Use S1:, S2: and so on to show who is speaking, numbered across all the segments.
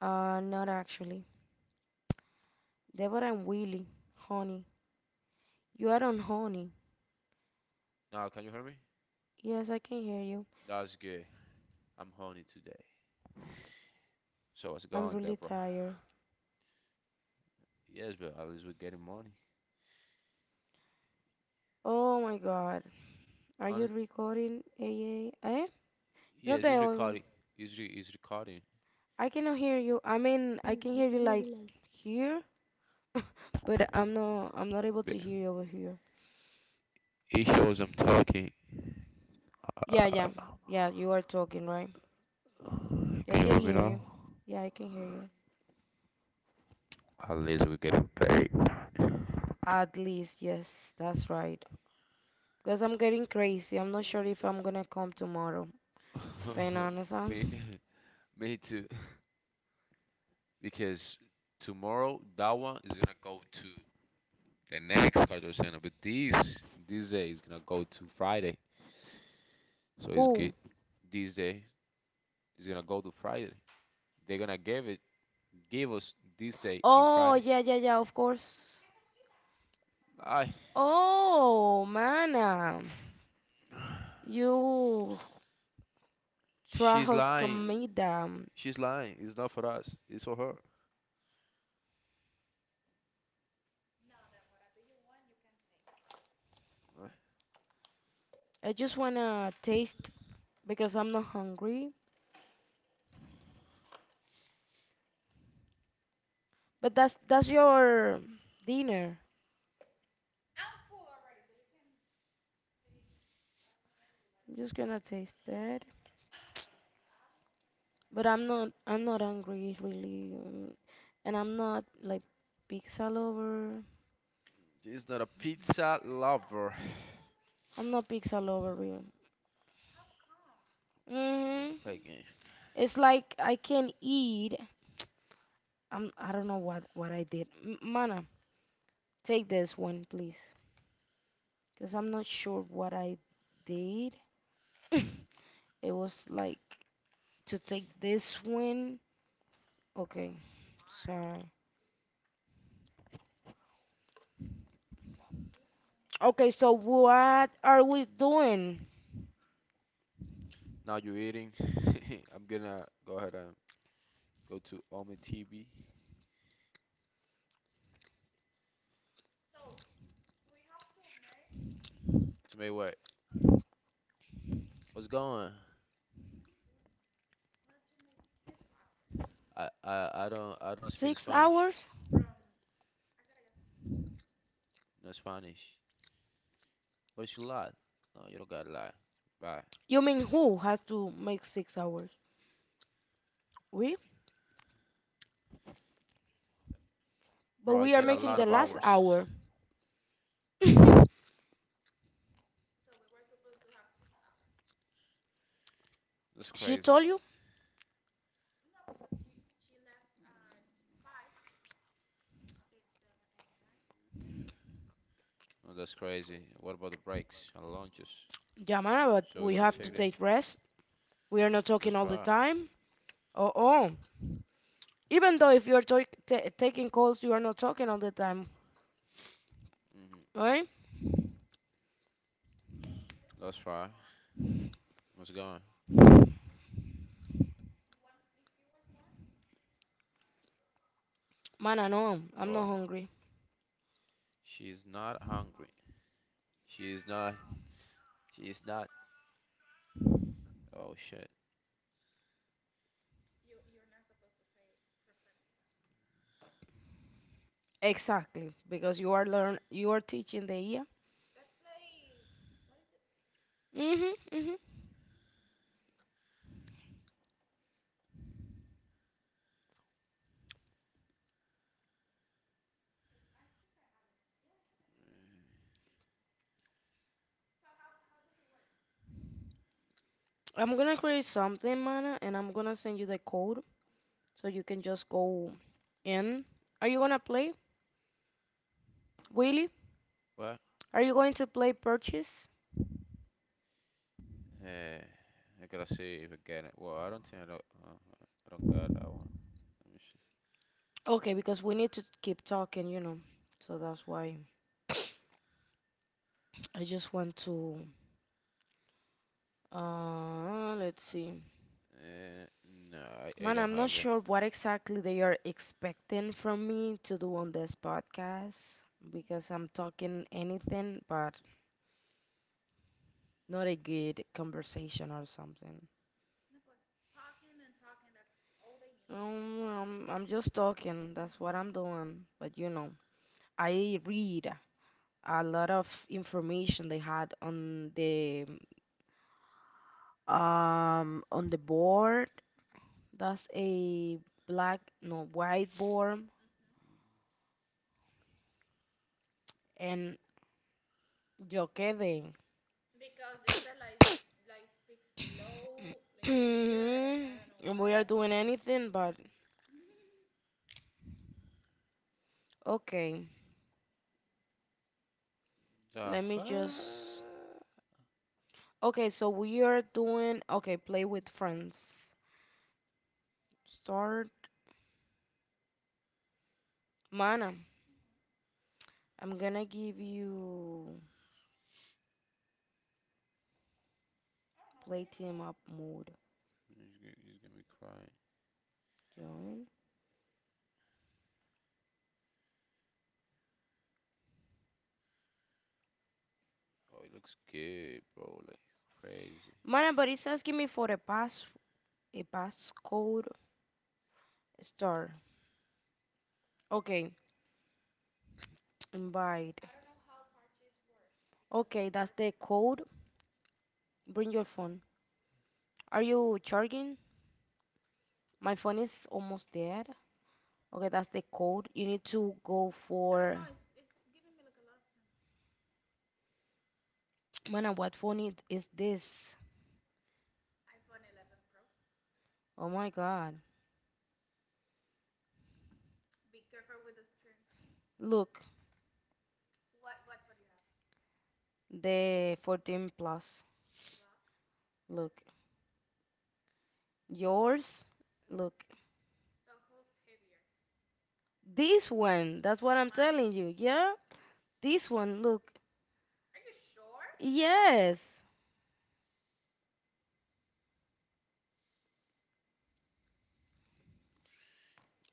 S1: Not actually. Deborah and Willie. Honey. You are on honey.
S2: Now, can you hear me?
S1: Yes, I can hear you.
S2: That's good. I'm horny today. So what's
S1: I'm
S2: going,
S1: really
S2: Deborah?
S1: tired.
S2: Yes, bro, at least we're getting money.
S1: Oh my god. Are you
S2: Honest,
S1: recording, AA? Eh? No
S2: yes,
S1: te
S2: it's
S1: oigo.
S2: recording. It's recording.
S1: I cannot hear you. I mean, I can
S2: I
S1: hear
S2: can
S1: you
S2: hear
S1: like
S2: you now.
S1: here, but I'm not able to
S2: But
S1: hear you over here.
S2: it shows I'm talking.
S1: Yeah, yeah.
S2: Uh,
S1: Yeah, you are talking, right? Yeah, I
S2: can you
S1: can
S2: hear me
S1: hear you.
S2: now?
S1: Yeah, I can hear you.
S2: At least we're getting paid.
S1: At least, yes, that's right. Because I'm getting crazy. I'm not sure if I'm gonna come tomorrow. Being honest, huh?
S2: me, me too. Because tomorrow that one is gonna go to the next Carter Center, but this day is gonna go to Friday, so it's
S1: Who?
S2: good. This day, it's gonna go to Friday. They're gonna give us this day in
S1: Oh,
S2: Friday.
S1: yeah, yeah, yeah, of course.
S2: I,
S1: Oh, mana. You
S2: she's
S1: trajos
S2: lying.
S1: comida.
S2: She's lying. It's not for us. It's for her. Uh,
S1: I just wanna taste because I'm not hungry. But that's your dinner. I'm just gonna taste that. But I'm not hungry really. And I'm not like pizza lover.
S2: She's not a pizza lover. I'm
S1: I'm not pizza lover real.
S2: gonna
S1: hmm.
S2: play a game.
S1: It's like I can eat. I don't know what I did. Mana, take this one, please. Because I'm not sure what I did. It was like to take this one. Okay, sorry. Okay, so what are we doing?
S2: Now you're eating. I'm gonna go ahead and go to Omi TV to make way. What's going? I don't speak
S1: Six
S2: Spanish.
S1: hours?
S2: No Spanish. What you lie? No, you don't gotta lie. Bye.
S1: You mean who has to make 6 hours? We? But
S2: Bro, I
S1: we are
S2: get a
S1: making
S2: lot
S1: the
S2: of
S1: last
S2: hours.
S1: hour.
S2: That's
S1: She
S2: crazy.
S1: told you?
S2: Oh, that's crazy. What about the brakes and launches?
S1: Yeah, man, but
S2: So we
S1: we
S2: gotta
S1: have to
S2: check that.
S1: take rest. We are not talking
S2: That's
S1: all the
S2: right.
S1: time. Oh, oh. Even though if you're to- ta taking calls, you are not talking all the time,
S2: hmm
S1: right?
S2: That's right. What's going?
S1: Man, I know I'm not
S2: Well,
S1: hungry.
S2: she's not hungry. She's not. She's not. Oh shit.
S1: Exactly, because you are teaching the ear. Mhm, mhm. I'm gonna create something, man, and I'm gonna send you the code so you can just go in. Are you gonna play, Willie?
S2: What?
S1: Are you going to play purchase?
S2: Eh. I gotta see if I get it. Well, I don't think I don't. I don't got that one. Let me see.
S1: Okay, because we need to keep talking, you know. So that's why I just want to. Let's see.
S2: Eh. No, I
S1: Man,
S2: don't
S1: I'm not
S2: have it.
S1: sure what exactly they are expecting from me to do on this podcast because I'm talking anything but not a good conversation or something. I'm just talking, that's what I'm doing. But you know, I read a lot of information they had on the board. That's a black, no, white board, and yo quedé. We are doing anything but okay.
S2: The
S1: Let me just.
S2: fuck?
S1: Okay, so we are doing. Okay, play with friends. Start. Mana, I'm gonna give you play team up mode.
S2: He's gonna be crying.
S1: Join.
S2: Oh, it looks good, bro. Like crazy.
S1: Mana, but it's asking me for a passcode. Start. Okay, invite. Okay, that's the code. Bring your phone. Are you charging? My phone is almost dead. Okay, that's the code. You need to go for. Mana, what phone is this? Oh my god. Look, the 14 plus. Look. Yours. Look. This one. That's what I'm telling you. Yeah? This one. Look. Yes.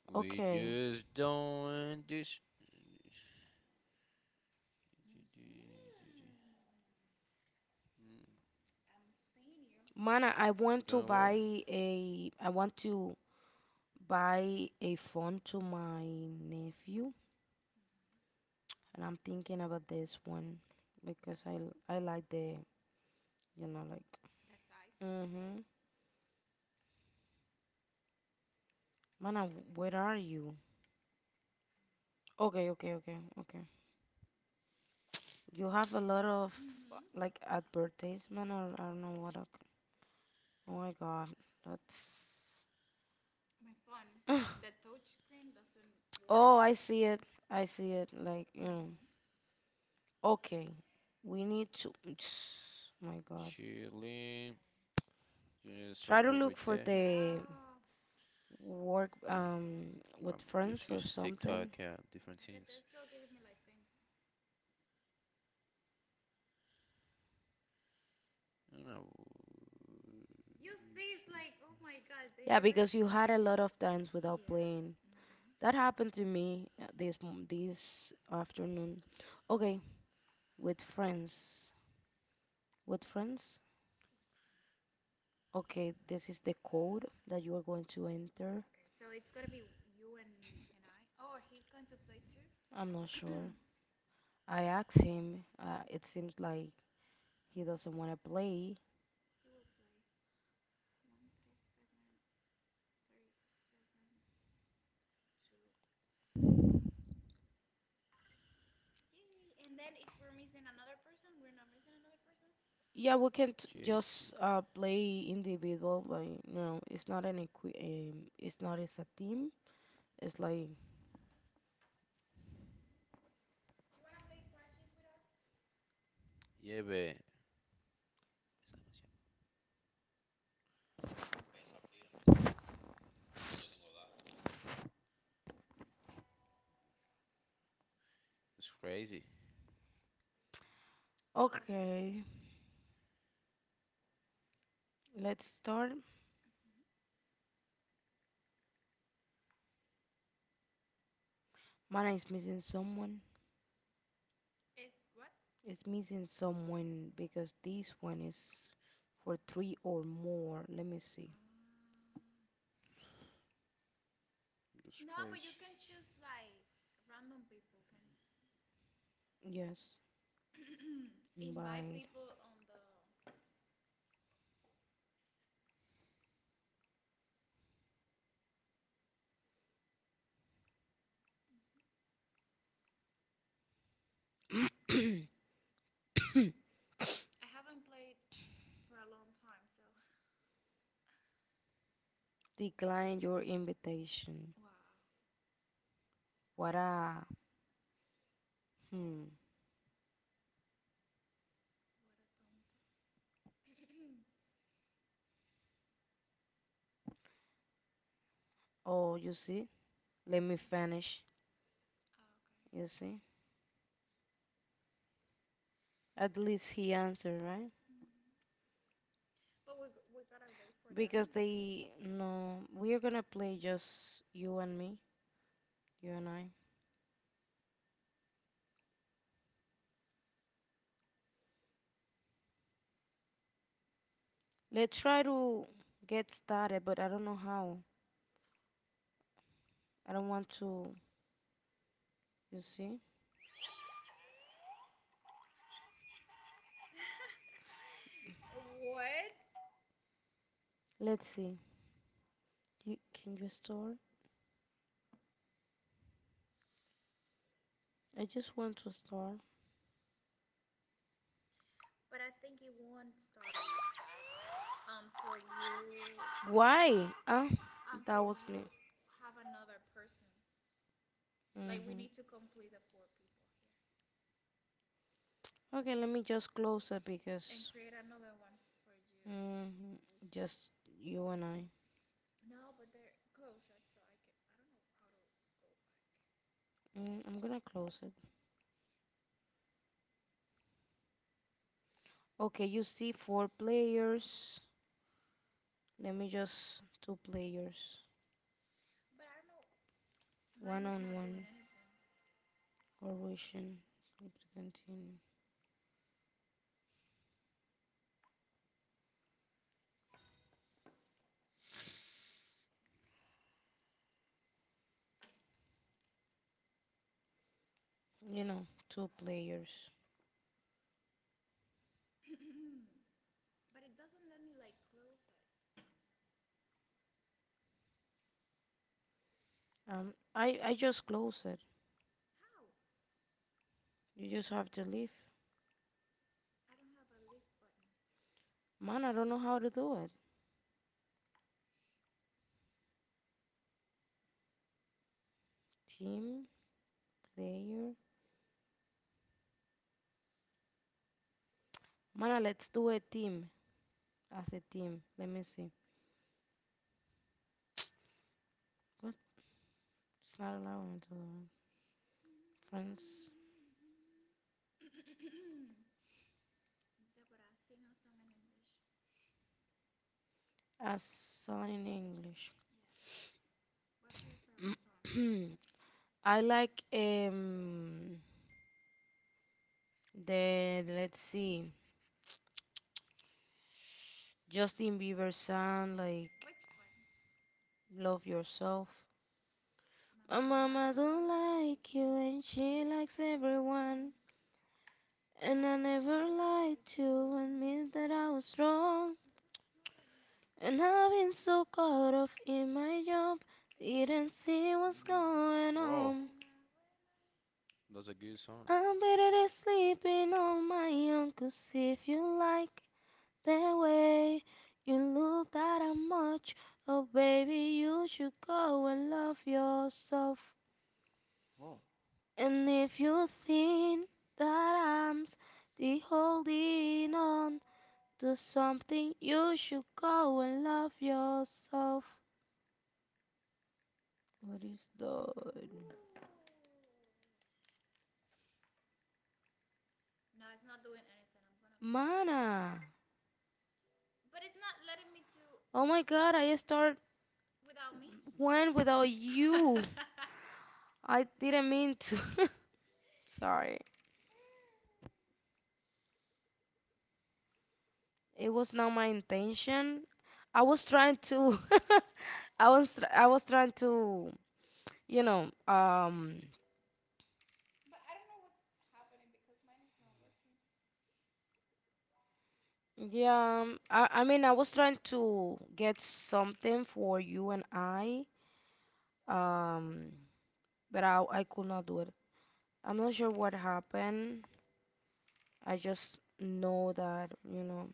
S2: We
S1: Okay.
S2: just don't want this.
S1: Mana, I want to
S2: Don't
S1: buy
S2: worry.
S1: a I want to buy a phone to my nephew and I'm thinking about this one because I like the you know like mm-hmm. Mana, where are you? Okay, okay, okay, okay. You have a lot of like advertisement or I don't know what up. Oh my God, that's. Oh, I see it. I see it. Like, you know. Okay, we need to. My God,
S2: Chilling. Just
S1: try
S2: surf
S1: to look
S2: every
S1: for
S2: day.
S1: the work
S2: Mm,
S1: with
S2: I'm
S1: friends
S2: just
S1: or
S2: using TikTok
S1: something.
S2: and different things.
S1: Cause you had a lot of times without paying. That happened to me this this afternoon. Okay, with friends. With friends. Okay, this is the code that you are going to enter. I'm not sure. I asked him. It seems like he doesn't want to play. Yeah, we can just play individual, but you know, it's not an it's not as a team. It's like
S2: Yeah, babe. It's crazy.
S1: okay, let's start. Mana is missing someone. It's missing someone because this one is for three or more. Let me see.
S2: It's crazy.
S1: Yes. Decline your invitation. What a hmm. Oh, you see? Let me finish. You see? At least he answered, right? They no, we're gonna play just you and me, you and I. Let's try to get started, but I don't know how. I don't want to, you see? Let's see. You, can you start? I just want to start. Why? Okay, let me just close it because mhm, just you and I. I'm gonna close it. Okay, you see four players. Let me just two players. Corrosion. Click to continue. You know, two players. I just close it. You just have to leave. Man, I don't know how to do it. Team player. Man, let's do a team as a team. Let me see. What? It's not allowing me to do it. Friends as song in English. I like the let's see Justin Bieber song like Love Yourself. Mama don't like you and she likes everyone. And I never lied to admit that I was wrong. And I've been so caught up in my job, didn't see what's
S2: Mm,
S1: going
S2: Wow,
S1: on.
S2: that's a good song.
S1: I'm better than sleeping on my own, 'cause if you like that way you look that I'm much, oh baby, you should go and love yourself.
S2: Wow.
S1: And if you think that I'm still holding on, do something you should go and love yourself. What is that? Mana. Oh my god, I start one without you. I didn't mean to. Sorry. It was not my intention. I was trying to I was trying to, you know, I mean I was trying to get something for you and I. Um but I could not do it. I'm not sure what happened. I just know that, you know.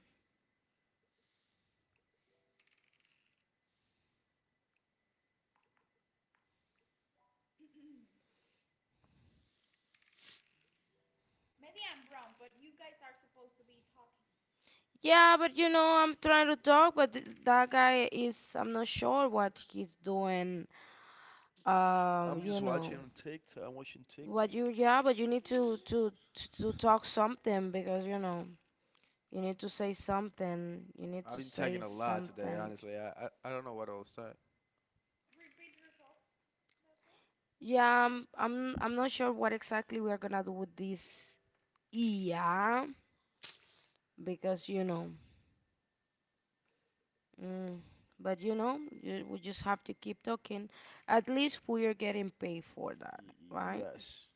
S1: Yeah, but you know, I'm trying to talk, but that guy is, I'm not sure what he's doing. Um,
S2: I'm just
S1: you know,
S2: watching TikTok. I'm watching TikTok.
S1: yeah, but you need to talk something because, you know, you need to say something. You need
S2: I've
S1: to
S2: been tagging
S1: say
S2: a lot today,
S1: something.
S2: honestly. I don't know what else to tag.
S1: Yeah, I'm not sure what exactly we are gonna do with this. Yeah, because you know. Mm, but you know, we just have to keep talking. At least we are getting paid for that,
S2: Y-
S1: right?
S2: yes.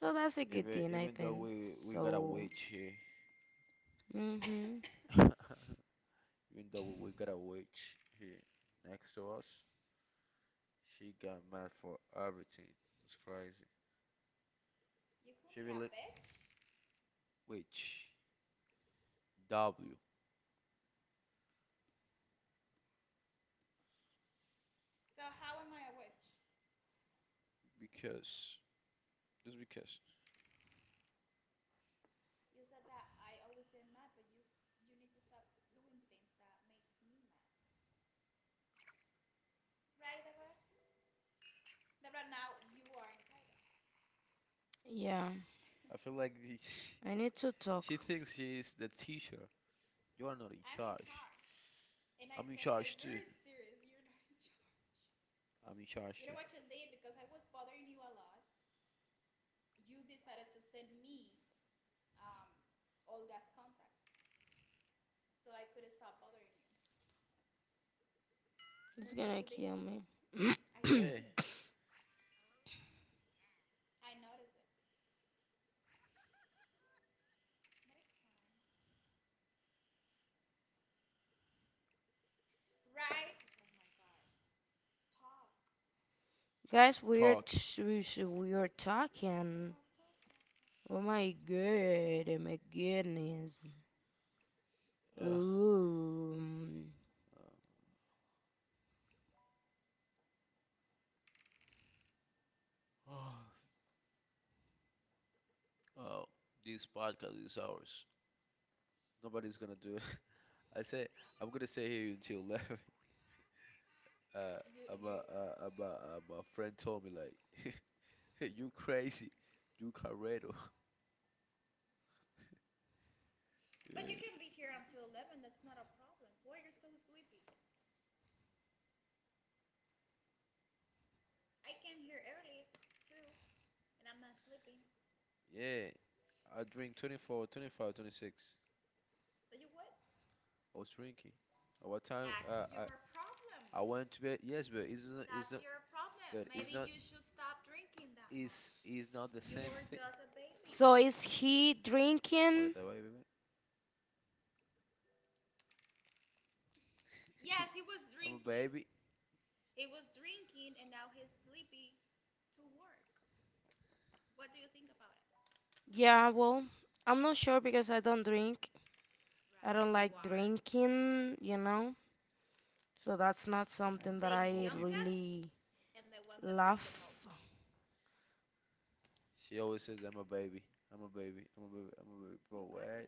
S1: So that's a good
S2: Even
S1: thing, I
S2: even though
S1: think.
S2: we got a
S1: So,
S2: witch here,
S1: mm-hmm.
S2: even though we got a witch here next to us, she got mad for everything. It's crazy. She really witch W because just because
S1: Yeah,
S2: I feel like
S1: I need to talk.
S2: she thinks she's the teacher. You are not in charge. I'm in charge too. I'm in charge too.
S1: Feel me?
S2: Yeah.
S1: Guys, we are
S2: Talk.
S1: we are talking. Oh my god, oh my goodness.
S2: Uh,
S1: Ooh.
S2: uh, oh, this podcast is ours. Nobody's gonna do it. I say I'm gonna stay here until 11. Uh, my friend told me like, you crazy, you Carredo. Yeah, yeah. I drink 24, 25, 26. I was drinking. At what time? I went to bed. Yes, but it's not. It's not. But it's not. It's not the same thing.
S1: So is he
S2: Come on, that
S1: drinking?
S2: baby, man. I'm a baby.
S1: Yeah, well, I'm not sure because I don't drink. I don't like drinking, you know, so that's not
S2: I,
S1: something that
S2: oh, people.
S1: really love.
S2: She always says I'm a baby. I'm a baby. I'm a baby. I'm a baby. Bro, what?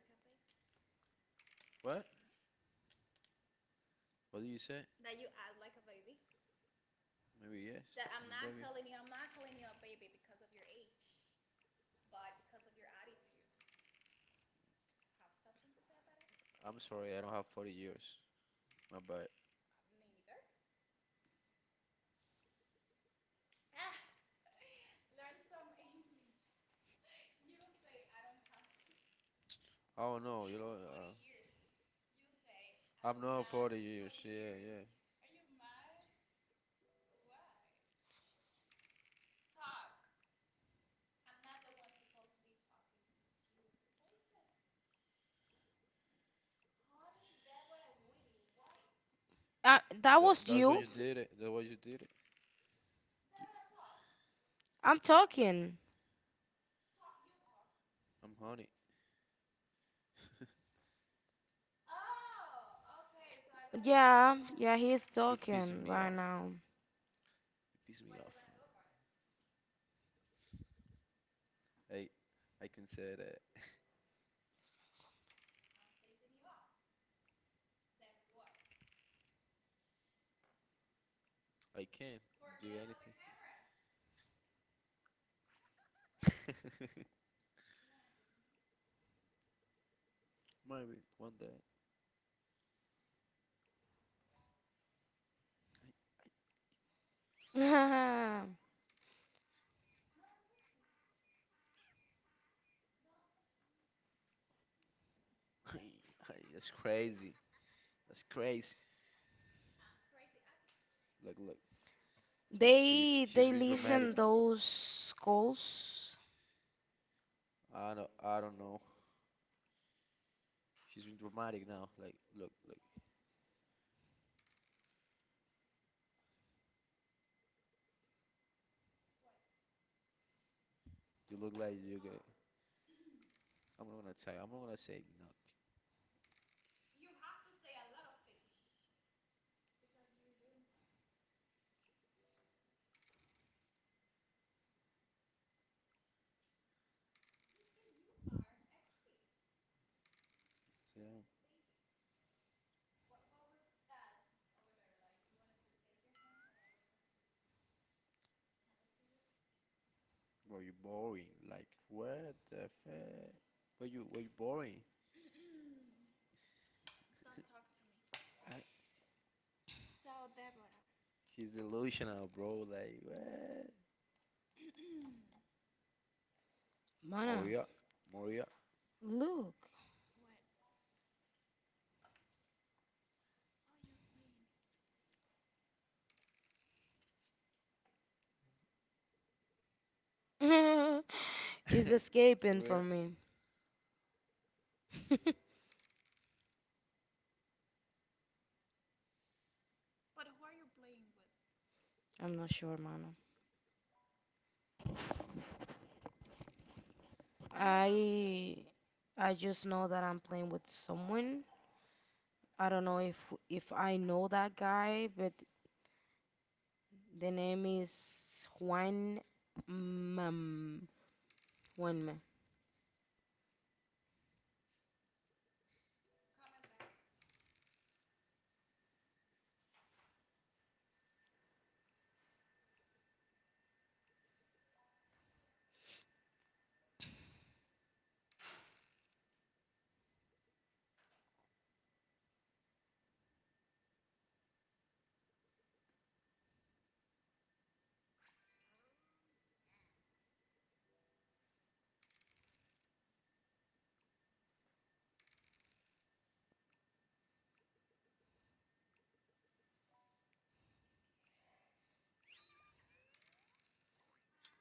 S2: What? What do you say? Maybe yes. I'm a baby. I'm sorry, I don't have 40 years. My bad. Oh no. Yeah,
S1: That was
S2: that's what you
S1: you?
S2: did it. That's what you did it.
S1: I'm talking.
S2: I'm honey.
S1: Yeah, yeah, he's
S2: Pissing
S1: talking
S2: me
S1: right
S2: off.
S1: now.
S2: You Pissing me. I can say that. I can. Maybe one day. I, I, that's crazy. That's crazy. Look, look. She's she's she's
S1: They
S2: been dramatic.
S1: listen those calls.
S2: I don't know. She's been dramatic now. Like, look, look. You look like you. I'm not gonna tell. I'm not gonna say nothing. So, yeah. Bro, you boring. Like, what the fuck? But you, were you boring? I, he's delusional, bro. Like, what?
S1: Mana,
S2: Maria, Maria,
S1: look. He's escaping
S2: Maria,
S1: from me. I'm not sure, Mana. I I just know that I'm playing with someone. I don't know if I know that guy, but the name is Juan Mam. Juanma.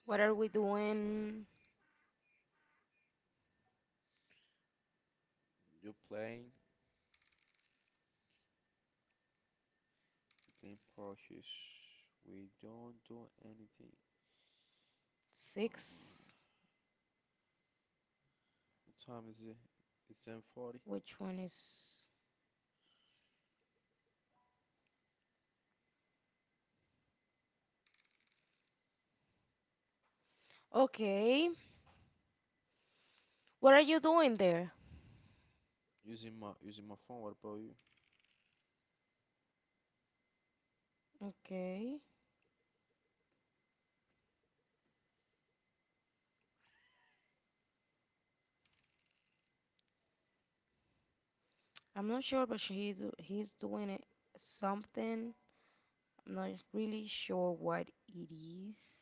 S1: What are we doing?
S2: you playing, you playing Porsches. We don't do anything. Bro, uh,
S1: Six?
S2: what time is it? It's 10:40.
S1: Which one is? Okay. What are you doing there?
S2: Using my phone. What about you?
S1: Okay. I'm not sure, but he's doing it, something. I'm not really sure what it is.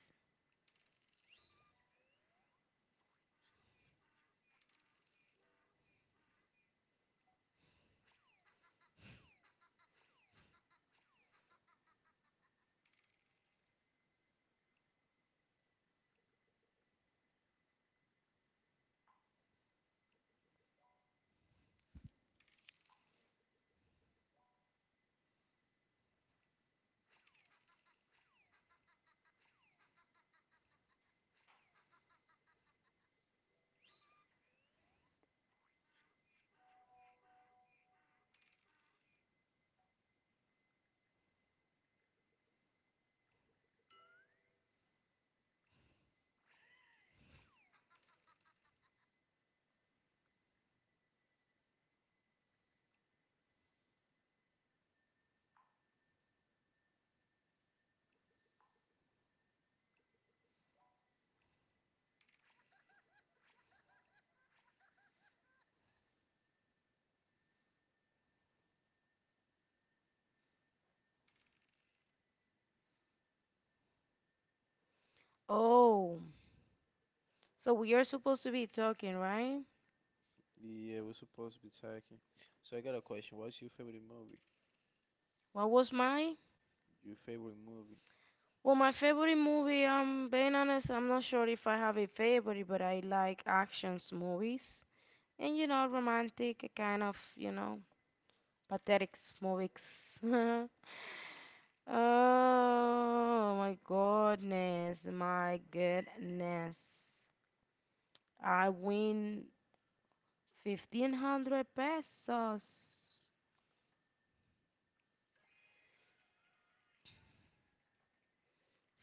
S1: Oh, so we are supposed to be talking, right?
S2: Yeah, we're supposed to be talking. So I got a question. What's your favorite movie?
S1: What was my?
S2: Your favorite movie?
S1: Well, my favorite movie, being honest, I'm not sure if I have a favorite, but I like actions movies and you know, romantic kind of, you know, pathetic movies. Oh my goodness, my goodness. I win 1500 pesos.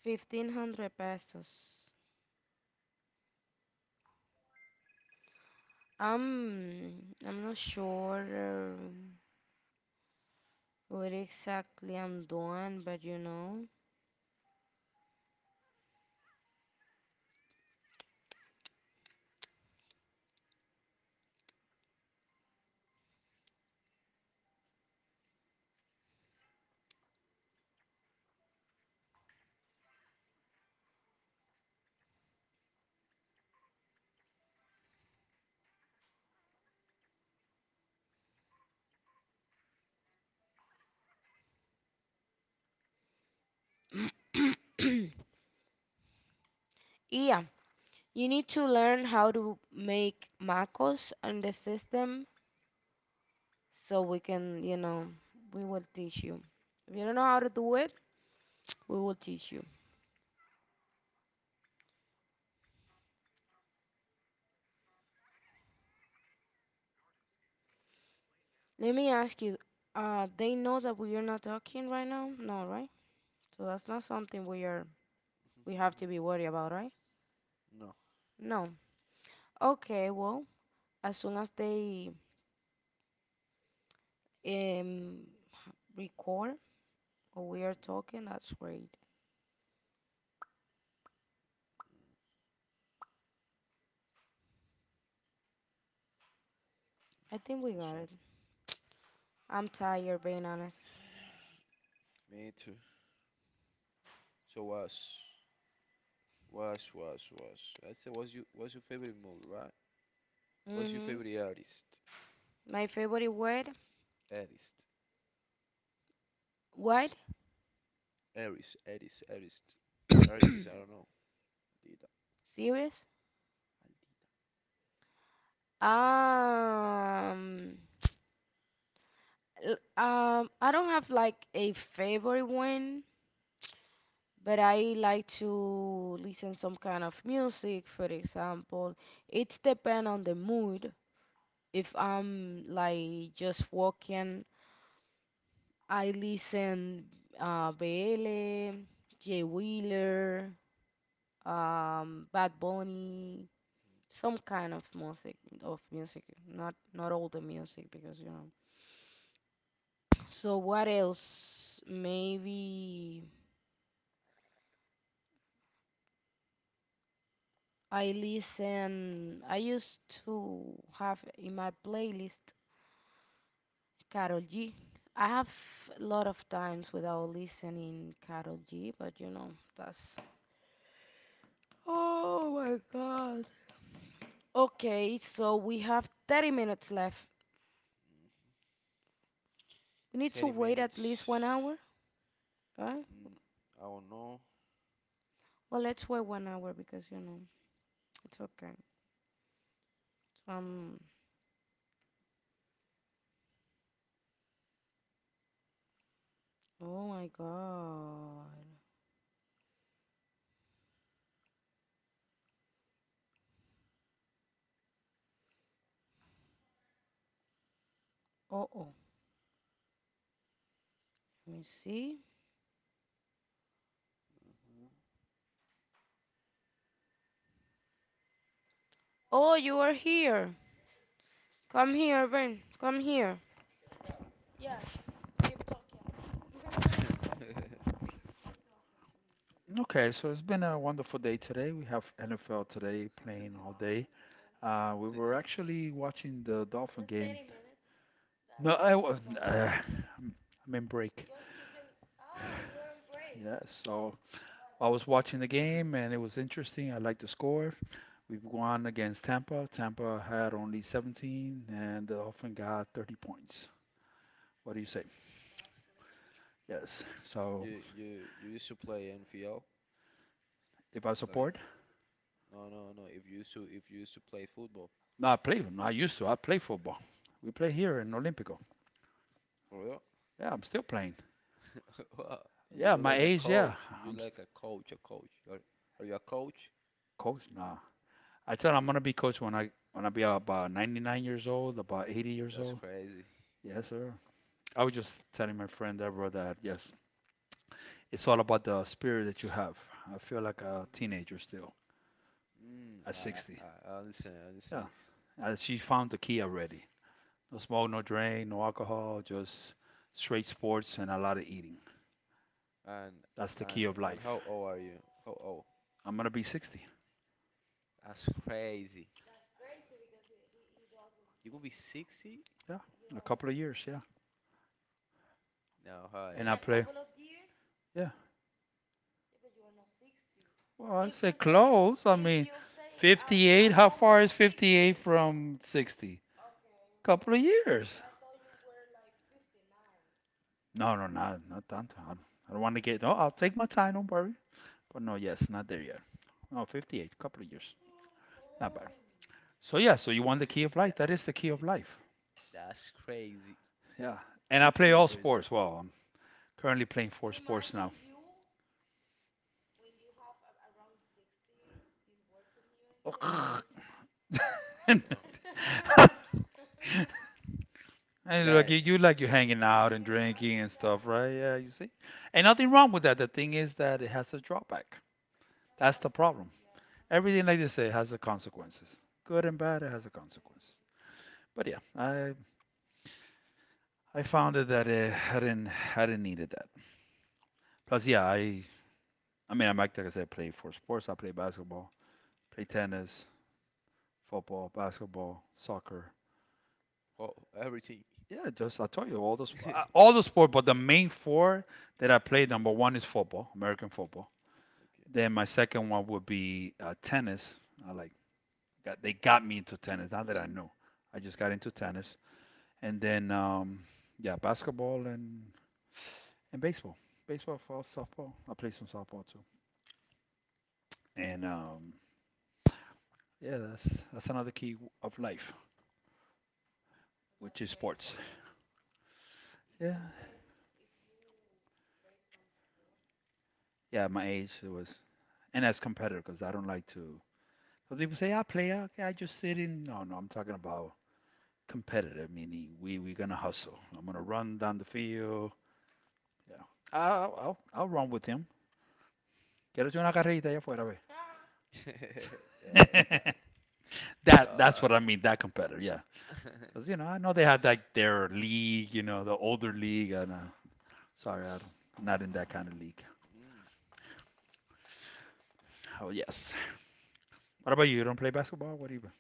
S1: 1500 pesos. Um, I'm not sure what exactly I'm doing, but you know. Yeah, you need to learn how to make macros on the system so we can, you know, we will teach you. If you don't know how to do it, we will teach you. Let me ask you, they know that we are not talking right now? No, right? So that's not something we have to be worried about, right?
S2: No.
S1: No. Okay, well, as soon as they um record or we are
S2: Mhm.
S1: talking, that's great. I think we
S2: That's
S1: got
S2: right.
S1: it. I'm tired, being honest.
S2: Me too. So was. I said, what's your favorite movie, right? What's your
S1: hmm.
S2: favorite artist?
S1: My favorite word?
S2: Artist,
S1: What?
S2: artist, artist, artist, artist. I don't know. Aldita,
S1: Serious?
S2: Aldita.
S1: Um, I don't have like a favorite one, but I like to listen some kind of music, for example. It depends on the mood. If I'm like just walking, I listen BL, Jay Wheeler, Bad Bunny. Some kind of music not all the music because you know so what else maybe I used to have in my playlist Carol G. I have a lot of times without listening Carol G but you know that's oh my god, okay so we have 30 minutes left. We need to
S2: Thirty
S1: wait at least
S2: minutes.
S1: 1 hour, right?
S2: Mm, I don't know.
S1: Well let's wait 1 hour because you know it's okay. Um, oh my god. Oh, oh, let me see.
S2: Uh-huh.
S1: Oh, you are here. Come here, Ben. Come here. Okay, so it's been a wonderful day today. We have NFL today playing all day. We were actually watching the Dolphin game. No, I was. I'm I'm in break. Yeah, so I was watching the game and it was interesting. I like the score. We've won against Tampa. Tampa had only 17 and the Dolphin got 30 points. What do you say? Yes. So
S2: you used to play NFL?
S1: if I
S2: Like
S1: support,
S2: no. If you used to play football
S1: no, I play. No, I used to. I play football. We play here in Olympico.
S2: for real,
S1: Yeah, I'm still playing.
S2: wow, you
S1: Yeah,
S2: look
S1: my
S2: like a
S1: age. Yeah,
S2: coach. You
S1: I'm
S2: look
S1: st-
S2: like a coach. A coach. Are you a coach?
S1: coach. Nah, I tell. I'm gonna be coach when I be about 99 years old, about 80 years
S2: That's
S1: old.
S2: crazy.
S1: Yes, sir. I was just telling my friend Deborah that yes, it's all about the spirit that you have. I feel like a
S2: hmm
S1: teenager still at 60.
S2: I understand, I
S1: Yeah,
S2: understand.
S1: and she found the key already. No smoke, no drink, no alcohol, just straight sports and a lot of eating.
S2: And
S1: That's the key
S2: and
S1: of
S2: and
S1: life.
S2: how old are you? How old?
S1: I'm gonna be 60.
S2: That's crazy. You gonna be 60?
S1: Yeah, in a couple of years. Yeah,
S2: No, how
S1: and I
S2: not?
S1: play. Yeah. Well, I say close. I mean, 58. How far is 58 from 60? Couple of years. No, no, not tanto. I don't- Want to get. Oh, I'll take my time. Don't worry. But no, yes, not there yet. Oh, 58. 58. Couple of years. Not bad. So yeah, so you want the key of life?
S2: That
S1: That is the key of life.
S2: that's crazy.
S1: Yeah. And I play
S2: 58
S1: all
S2: years old.
S1: sports. Well, I'm currently playing four sports now.
S2: Bro.
S1: And like
S2: That
S1: you, you like you hanging out and drinking and stuff, right? Yeah, you see. And nothing wrong with that. The thing is that it has a drawback. That's the problem. Everything like they say has a consequences. Good and bad, it has a consequence. But yeah, I found it that I didn't needed that. Plus, yeah, I mean I'm like I said, I play for sports. I play basketball, play
S2: mhm.
S1: tennis, football, basketball, soccer.
S2: Well, everything
S1: Yeah, just I told you all those all the sport, but the main four that I play,
S2: does.
S1: number one is football, American football. Then my second one would be tennis. I like they got me into tennis. Not that I knew, I just got into tennis. And then yeah, basketball and baseball. Baseball, fall, softball. I play some softball too. And yeah, that's another key of life, which is sports. Yeah, yeah. My age it was, and as competitor, because I don't like to. Some people say I play, I just sit in. No, no, I'm talking about competitive, meaning we're gonna hustle. I'm gonna run down the field. Yeah. I'll run with him. Quiero echar una carrerita allá afuera, ve.
S2: Okay. Mhm. Oh God.
S1: That's
S2: Uh,
S1: what I mean, that competitor, yeah. Because, I know they had like their league, the older league. And sorry, I'm not in that kind
S2: mm,
S1: of league.
S2: mm.
S1: Oh, yes. What about you? You don't play basketball? What even?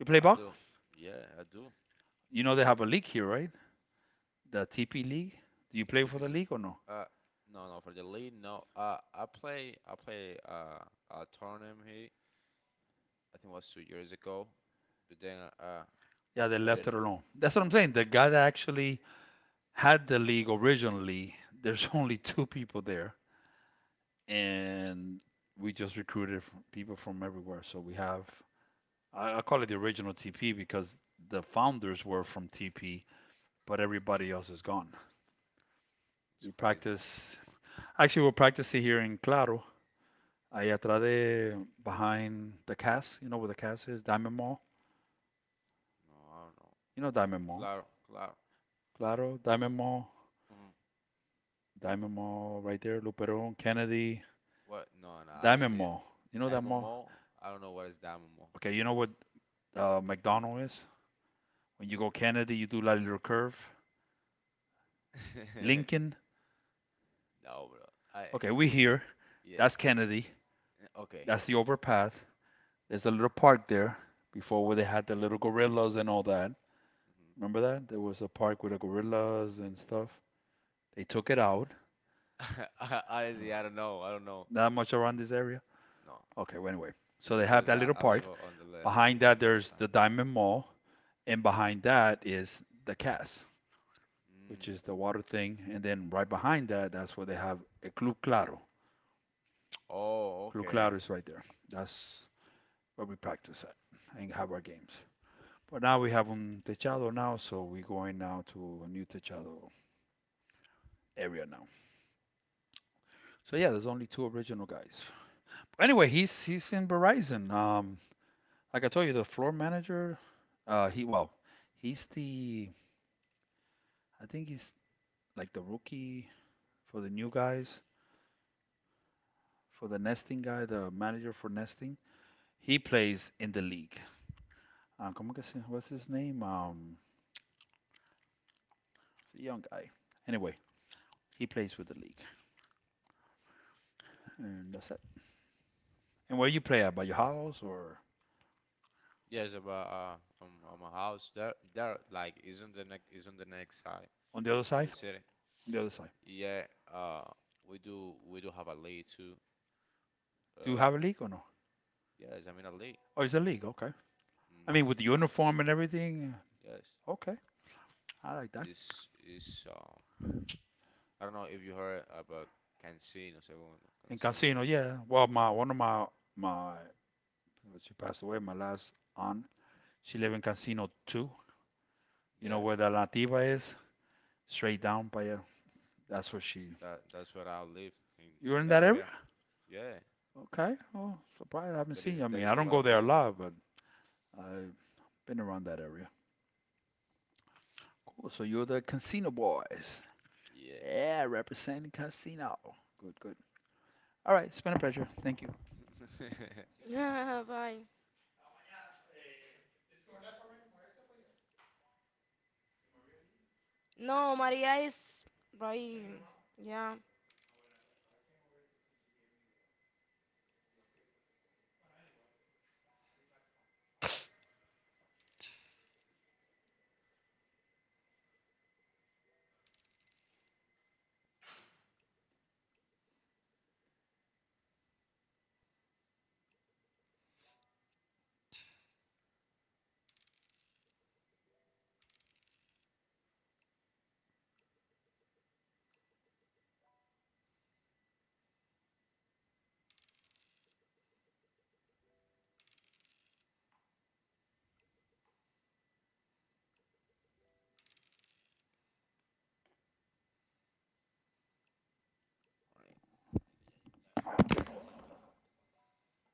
S1: You play
S2: I
S1: ball?
S2: do. Yeah, I do.
S1: You know they have a league here, right? The TP league. Do you
S2: The
S1: play for the
S2: typical,
S1: league or no?
S2: uh, no, no, for the league, no. I play, a tournament here. I think it was 2 years ago, but then,
S1: Yeah, they
S2: I didn't
S1: left
S2: don't
S1: it
S2: know.
S1: alone. That's what I'm saying. The guy that actually had the league originally, there's only two people there. And we just recruited from people from everywhere. So I call it the original TP because the founders were from TP, but everybody else is gone.
S2: It's
S1: We
S2: crazy.
S1: practice Actually, we'll practice it here in Claro. Ahí atrás de, behind the cast, you know where the cast is, Diamond Mall.
S2: No, I don't know.
S1: You know Diamond Mall.
S2: Claro, claro.
S1: Claro, Diamond Mall,
S2: Mm.
S1: Diamond Mall right there, Luperon, Kennedy,
S2: What? No, No.
S1: Diamond
S2: Honestly,
S1: Mall. You know that mall?
S2: Daimomo. I don't know what is Daimomo.
S1: Okay, you know what McDonald is? When you go Kennedy, you do that little curve. Lincoln,
S2: No, bro. I
S1: okay, we here.
S2: yes.
S1: That's Kennedy.
S2: Okay.
S1: That's the overpath. There's a little park there before where they had the little gorillas and all that. Remember
S2: hmm
S1: that? There was a park with the gorillas and stuff. They took it out.
S2: honestly,
S1: Uh,
S2: I don't know. I don't know.
S1: Not much around this area.
S2: No,
S1: Okay, well, anyway. So
S2: it's
S1: they have
S2: because
S1: that little
S2: I
S1: park.
S2: live on
S1: Behind
S2: the
S1: that,
S2: on the other
S1: there's
S2: side.
S1: the Diamond Mall. And
S2: Mhm.
S1: behind that is the Cas, which
S2: Mm.
S1: is the water thing. And then right behind that, that's where they have a Club Claro.
S2: Oh,
S1: Club
S2: okay.
S1: Claro is right there. That's where we practice at and have our games. But now we have un techado now, so we're going now to a new techado area now. So yeah, there's only two original guys. Anyway, he's in Verizon. Like I told you, the floor manager. He Well, he's the I think he's like the rookie for the new guys, for the nesting guy, the manager for nesting. He plays in the league. Um, what's his name? It's a young guy. Anyway, he plays with the league, and that's it. And where you play at? By your house or
S2: Yes, about a house there, there, like, isn't the next side
S1: on the other
S2: of
S1: side?
S2: the city?
S1: On the other side.
S2: Yeah, uh, we do have a lake too.
S1: Do you
S2: Uh,
S1: have a league or no?
S2: yes, I mean a lake.
S1: Oh, it's a league. Okay. I
S2: Mm,
S1: mean, with the uniform and everything. Yeah.
S2: yes,
S1: Okay, I like that.
S2: it's, I don't know if you heard about Cancino, Segundo,
S1: In
S2: Cancino.
S1: casino, yeah. Well, my one of my my she passed away. My last aunt, she lived in casino too. You know
S2: Yes,
S1: where the Nativa is? Straight down by you. That's where she.
S2: that's where I in,
S1: You're
S2: in
S1: in
S2: the
S1: that area?
S2: area. Yeah,
S1: Okay. Oh, surprised I haven't seen you. I mean,
S2: that
S1: I
S2: is a
S1: don't
S2: lot
S1: go
S2: of
S1: there a
S2: live.
S1: lot, but I've been around that area. Cool. So you're the casino boys.
S2: Yeah,
S1: Yeah, representing casino. Good, good. All right. It's been a pleasure. Thank you. Bye. No, Maria is right. Yeah.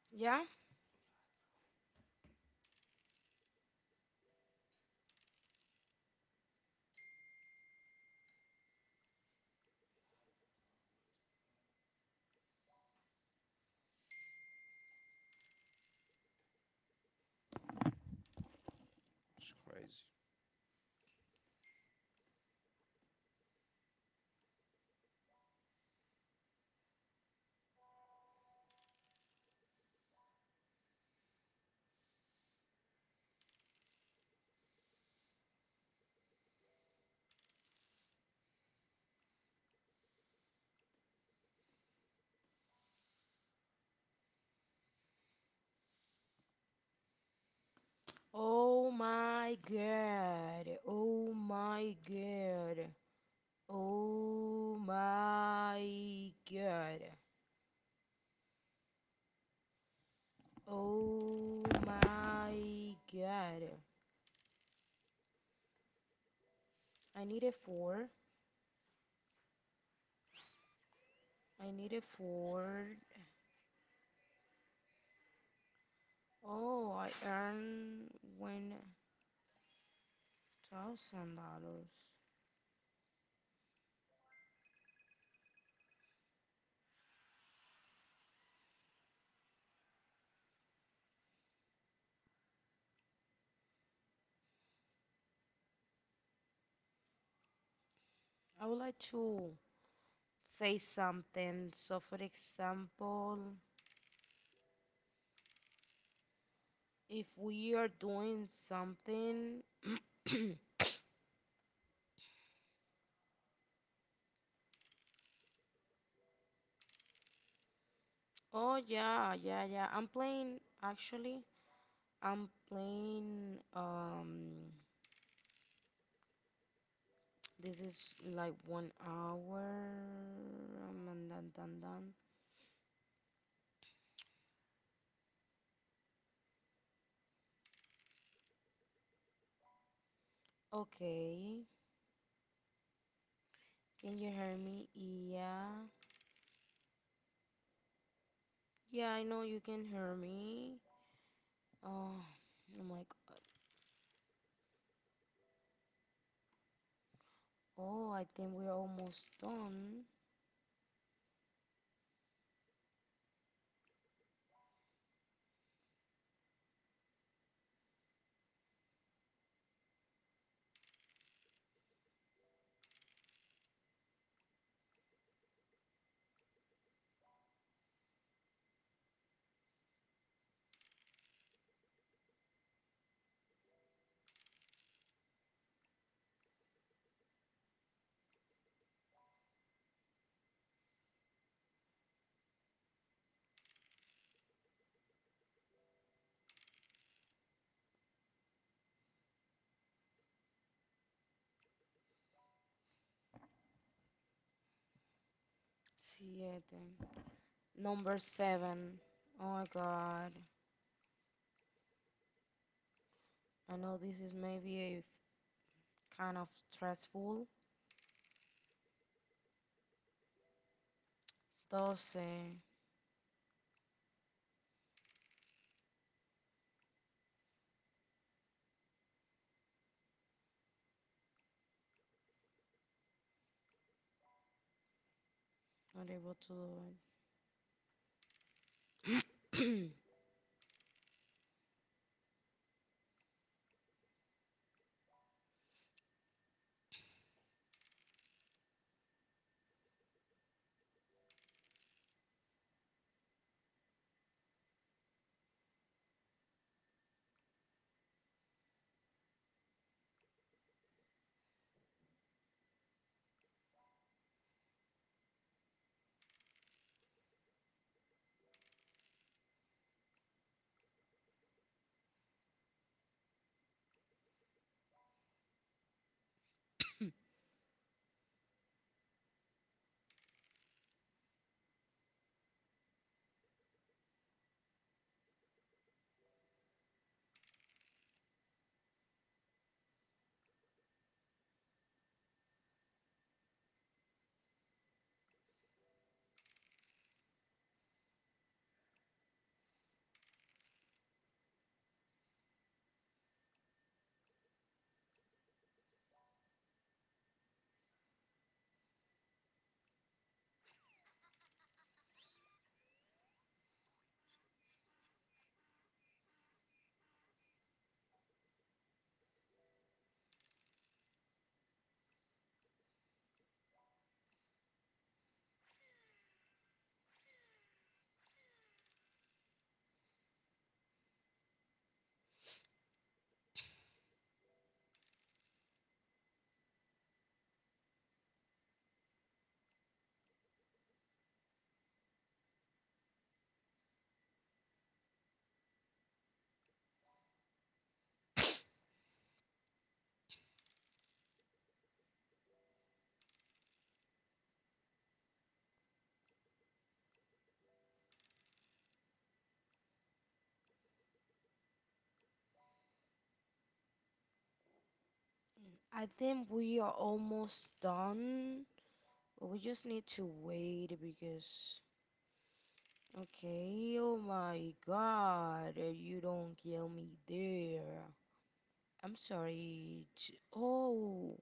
S1: Yeah.
S2: it's crazy.
S1: Oh my god. Oh my god. Oh my god. Oh my god. I need a four. I need a four. Oh, I earned $1,000. I would like to say something. So, for example, if we are doing something, oh yeah, yeah, yeah. I'm playing actually. I'm playing. This is like 1 hour. Dun, dun, dun, dun. Okay, can you hear me? Yeah, yeah. I know you can hear me. Oh, oh my God. Oh, I think we're almost done. Siete. Number seven. Oh my God. I know this is maybe kind of stressful, thus not able to do it. I think we are almost done, but we just need to wait because. Okay, oh my god, you don't kill me there. I'm sorry. Oh,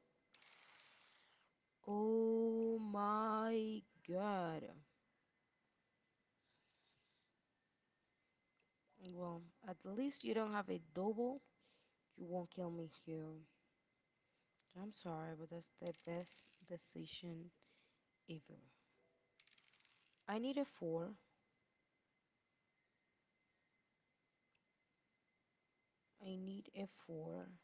S1: oh my god. Well, at least you don't have a double. You won't kill me here. I'm sorry, but that's the best decision ever. I need a four. I need a four.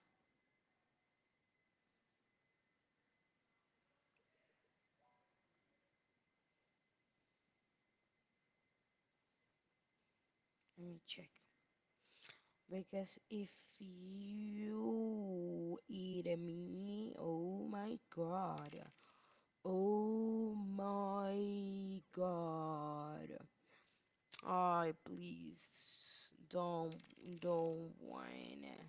S1: Let me check. Because if you eat me, oh my god. Oh my god. I please don't don't wanna.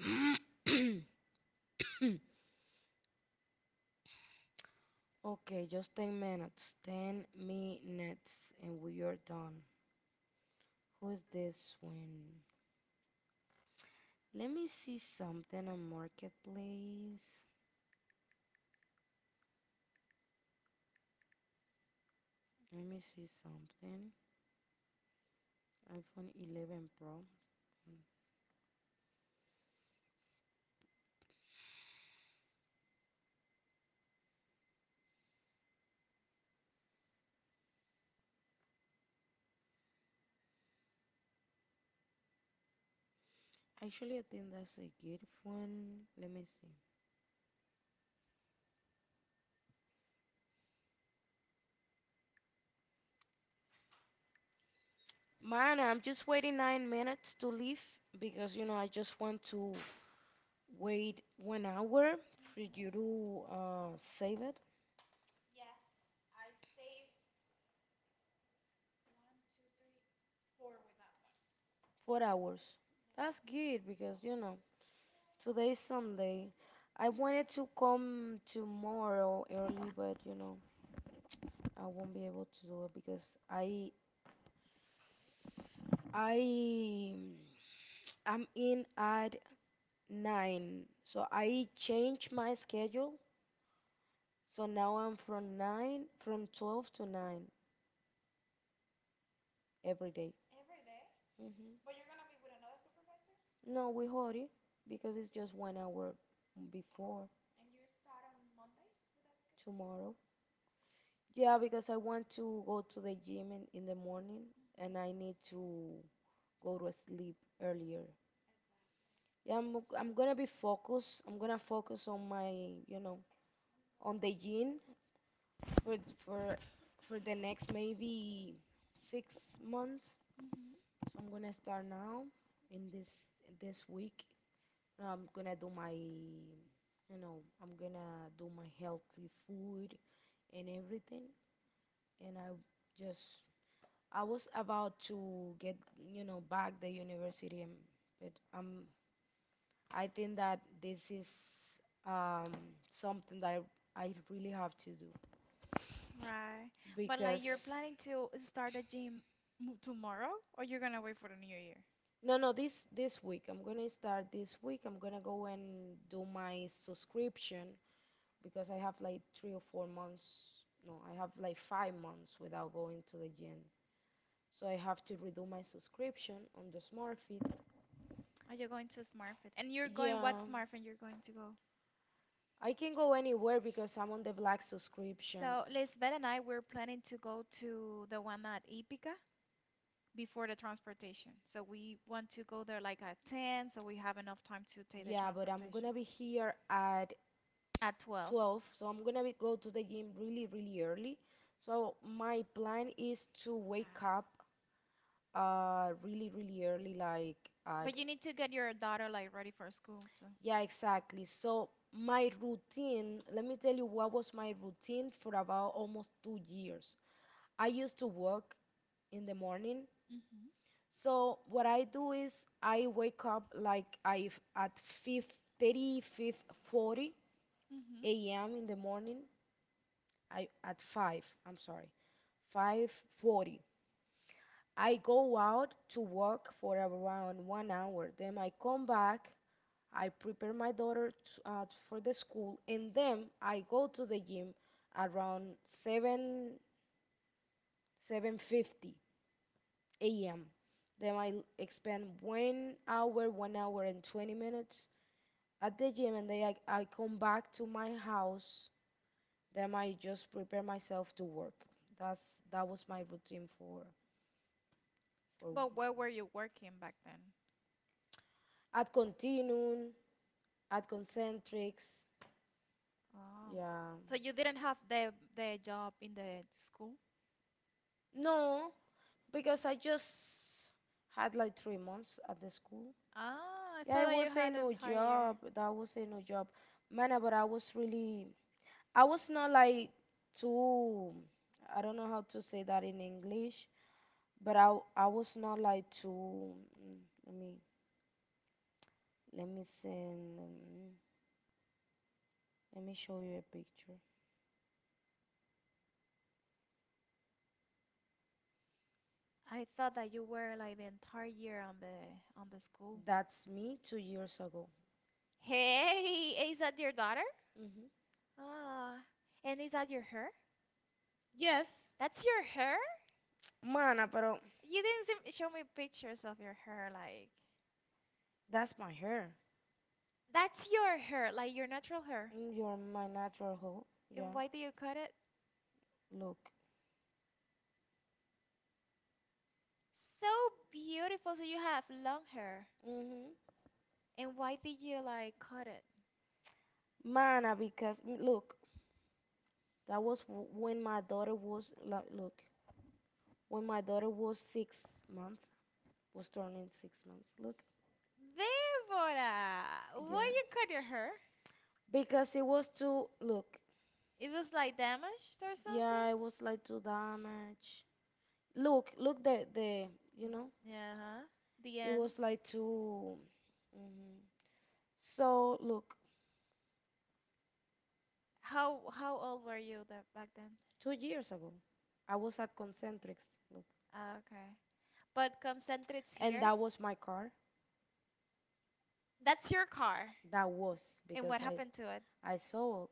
S1: okay, just 10 minutes. 10 minutes and we are done. Who's this one? Let me see something on Marketplace. Let me see something. iPhone 11 Pro. Mm. Actually, I think that's a good phone. Let me see. Man, I'm just waiting 9 minutes to leave because you know I just want to wait 1 hour for you to save it. 4 hours. That's good because you know today's Sunday. I wanted to come tomorrow early, but you know I won't be able to do it because I I I'm in at nine. So I changed my schedule. So now I'm from 12 to nine every day. Mm-hmm. No, we hold it because it's just 1 hour before tomorrow. Yeah, because I want to go to the gym in the morning and I need to go to sleep earlier. Yeah, I'm gonna be focused. I'm gonna focus on my, you know, on the gym for th- for the next maybe 6 months. So I'm gonna start now in this week. I'm gonna do my healthy food and everything. And just I was about to get back the university, and, but um I think that this is um something that I really have to do
S2: Right. But like you're
S1: because.
S2: planning to start a gym m tomorrow or you're gonna wait for the new year?
S1: No, no, this week. I'm gonna start this week. I'm gonna go and do my subscription because I have like 3 or 4 months. No, I have like 5 months without going to the gym. So I have to redo my subscription on the SmartFit.
S2: Are you going to SmartFit? And you're going what
S1: Yeah,
S2: SmartFit you're going to go?
S1: I can go anywhere because I'm on the black subscription.
S2: So Lisbeth and I we're planning to go to the one at Ipica before the transportation. So we want to go there like at 10 so we have enough time to take the
S1: Yeah, but I'm
S2: transportation.
S1: gonna be here at
S2: At 12.
S1: 12, so I'm gonna be go to the gym really, really early. So my plan is to wake
S2: Right.
S1: up really really early like
S2: But
S1: at.
S2: you need to get your daughter like ready for school too.
S1: Yeah, exactly. So my routine, let me tell you what was my routine for about almost 2 years. I used to work in the morning.
S2: hmm
S1: So what I do is I wake up, like I at 5 30
S2: hmm
S1: a.m in the morning. I at 5, I'm sorry, 5:40. I go out to work for around 1 hour. Then I come back, I prepare my daughter t for the school, and then I go to the gym around 7 7:50 a.m. Then spend 1 hour, 1 hour and 20 minutes at the gym, and then I come back to my house. Then I just prepare myself to work. That's that was my routine for
S2: But
S1: for
S2: where were you working back then?
S1: at Continuum, at Concentrix.
S2: Oh.
S1: Yeah.
S2: So you didn't have the job in the school?
S1: No, because I just had like 3 months at the school.
S2: Ah, I
S1: Yeah,
S2: thought
S1: it
S2: that you
S1: was a
S2: had the
S1: new
S2: entire year.
S1: job. That was a new job. Man, but I was really, I was not like too, I don't know how to say that in English, but I was not like too, mm, let me, let me send, mm, let me show you a picture.
S2: I thought that you were like the entire year on the school.
S1: That's me 2 years ago.
S2: Hey, is that your daughter?
S1: Hmm.
S2: Ah, and is that your hair?
S1: Yes,
S2: That's your hair?
S1: mana, pero
S2: You didn't seem- show me pictures of your hair, like
S1: that's my hair.
S2: that's your hair, like your natural hair.
S1: Mm, you're my natural
S2: And
S1: hair.
S2: why did you cut it?
S1: Look.
S2: So beautiful. So you have long hair.
S1: Hmm.
S2: And why did you like cut it?
S1: Mana, because look, when my daughter was like, look, when my daughter was 6 months, was turning 6 months. Look,
S2: Deborah,
S1: yeah,
S2: why you cut your hair?
S1: because it was too. Look,
S2: It was like damaged or something?
S1: yeah, it was like too damaged. Look the you know,
S2: Yeah, huh? The
S1: it
S2: end.
S1: was like too. Mhm. So look,
S2: How old were you that back then?
S1: 2 years ago, I was at Concentrics. Look,
S2: Ah, okay. But concentrates here.
S1: that was my car.
S2: That's your car.
S1: That was. be-
S2: And what happened to it?
S1: I saw.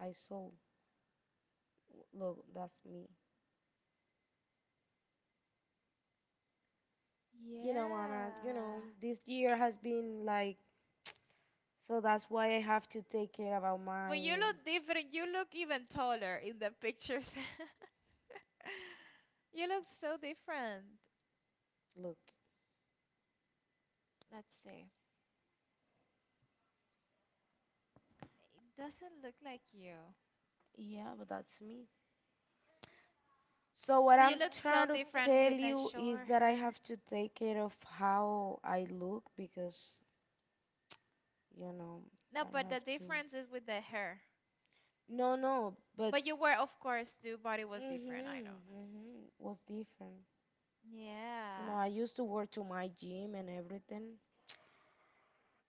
S1: I saw. Look, that's me. You know, Anna,
S2: Yeah.
S1: this year has been like, so that's why I have to take care about
S2: But
S1: my
S2: you look different. You look even taller in the pictures. You look so different.
S1: look.
S2: Let's see. It doesn't look like you.
S1: Yeah, but that's me. So what
S2: So you look so different with the short
S1: that I
S2: hair.
S1: have to take care of how I look because, you know,
S2: No, but the difference is with the hair.
S1: no, no, but
S2: But you were, of course, the body was different, I know.
S1: mm-hmm, was different. No,
S2: Yeah.
S1: I used to work to my gym and everything,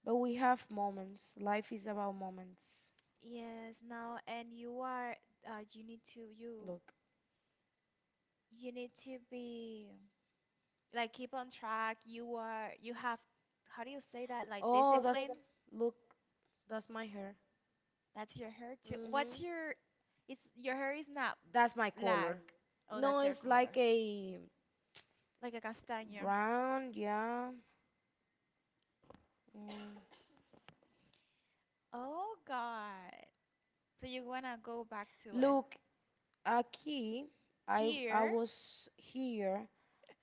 S1: but we have moments. Life is about moments.
S2: Yes, no, and you are you
S1: Look,
S2: you need to be like keep on track. You are you have how do you say that? Like discipline?
S1: look, that's my hair.
S2: That's your hair too. What's your it's your hair is not
S1: That's my
S2: black.
S1: color.
S2: Oh, that's your
S1: Like
S2: color.
S1: a
S2: Like a castaño.
S1: brown, yeah. Mm.
S2: Oh God. So you wanna go back to it.
S1: Aki,
S2: Here.
S1: was here.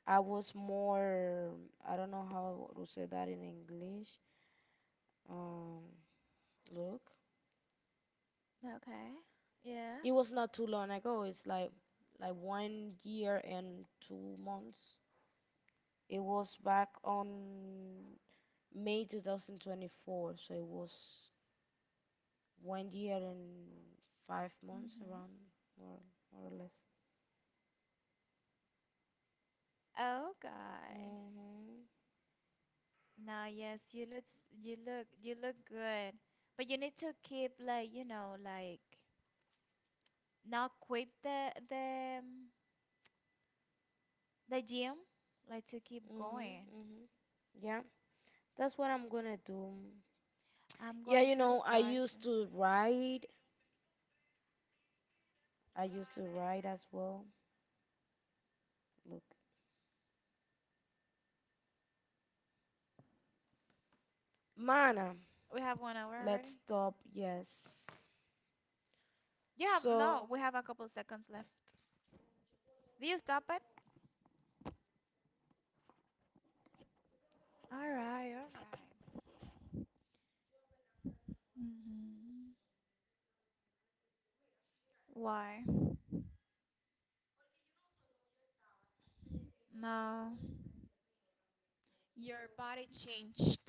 S1: I was more, I don't know how to say that in English. Um, Look,
S2: Okay. Yeah.
S1: it was not too long ago. It's like 1 year and 2 months. It was back on May 2024, so it was 1 year and 5 months
S2: Mhm.
S1: around, more more or less.
S2: Oh God.
S1: Mhm,
S2: No, yes, you look good. But you need to keep like, you know, like not quit the gym, like to keep
S1: mhm,
S2: going.
S1: mhm. Yeah, that's what I'm gonna do.
S2: I'm going
S1: You
S2: to
S1: know, I
S2: start.
S1: used to ride. I used to ride as well. Look. Mana,
S2: We have one hour
S1: let's
S2: already?
S1: stop. Yes.
S2: You have
S1: So.
S2: no, we have a couple seconds left. Do you stop it? All right, all right. Mhm. Why? No. Your body changed.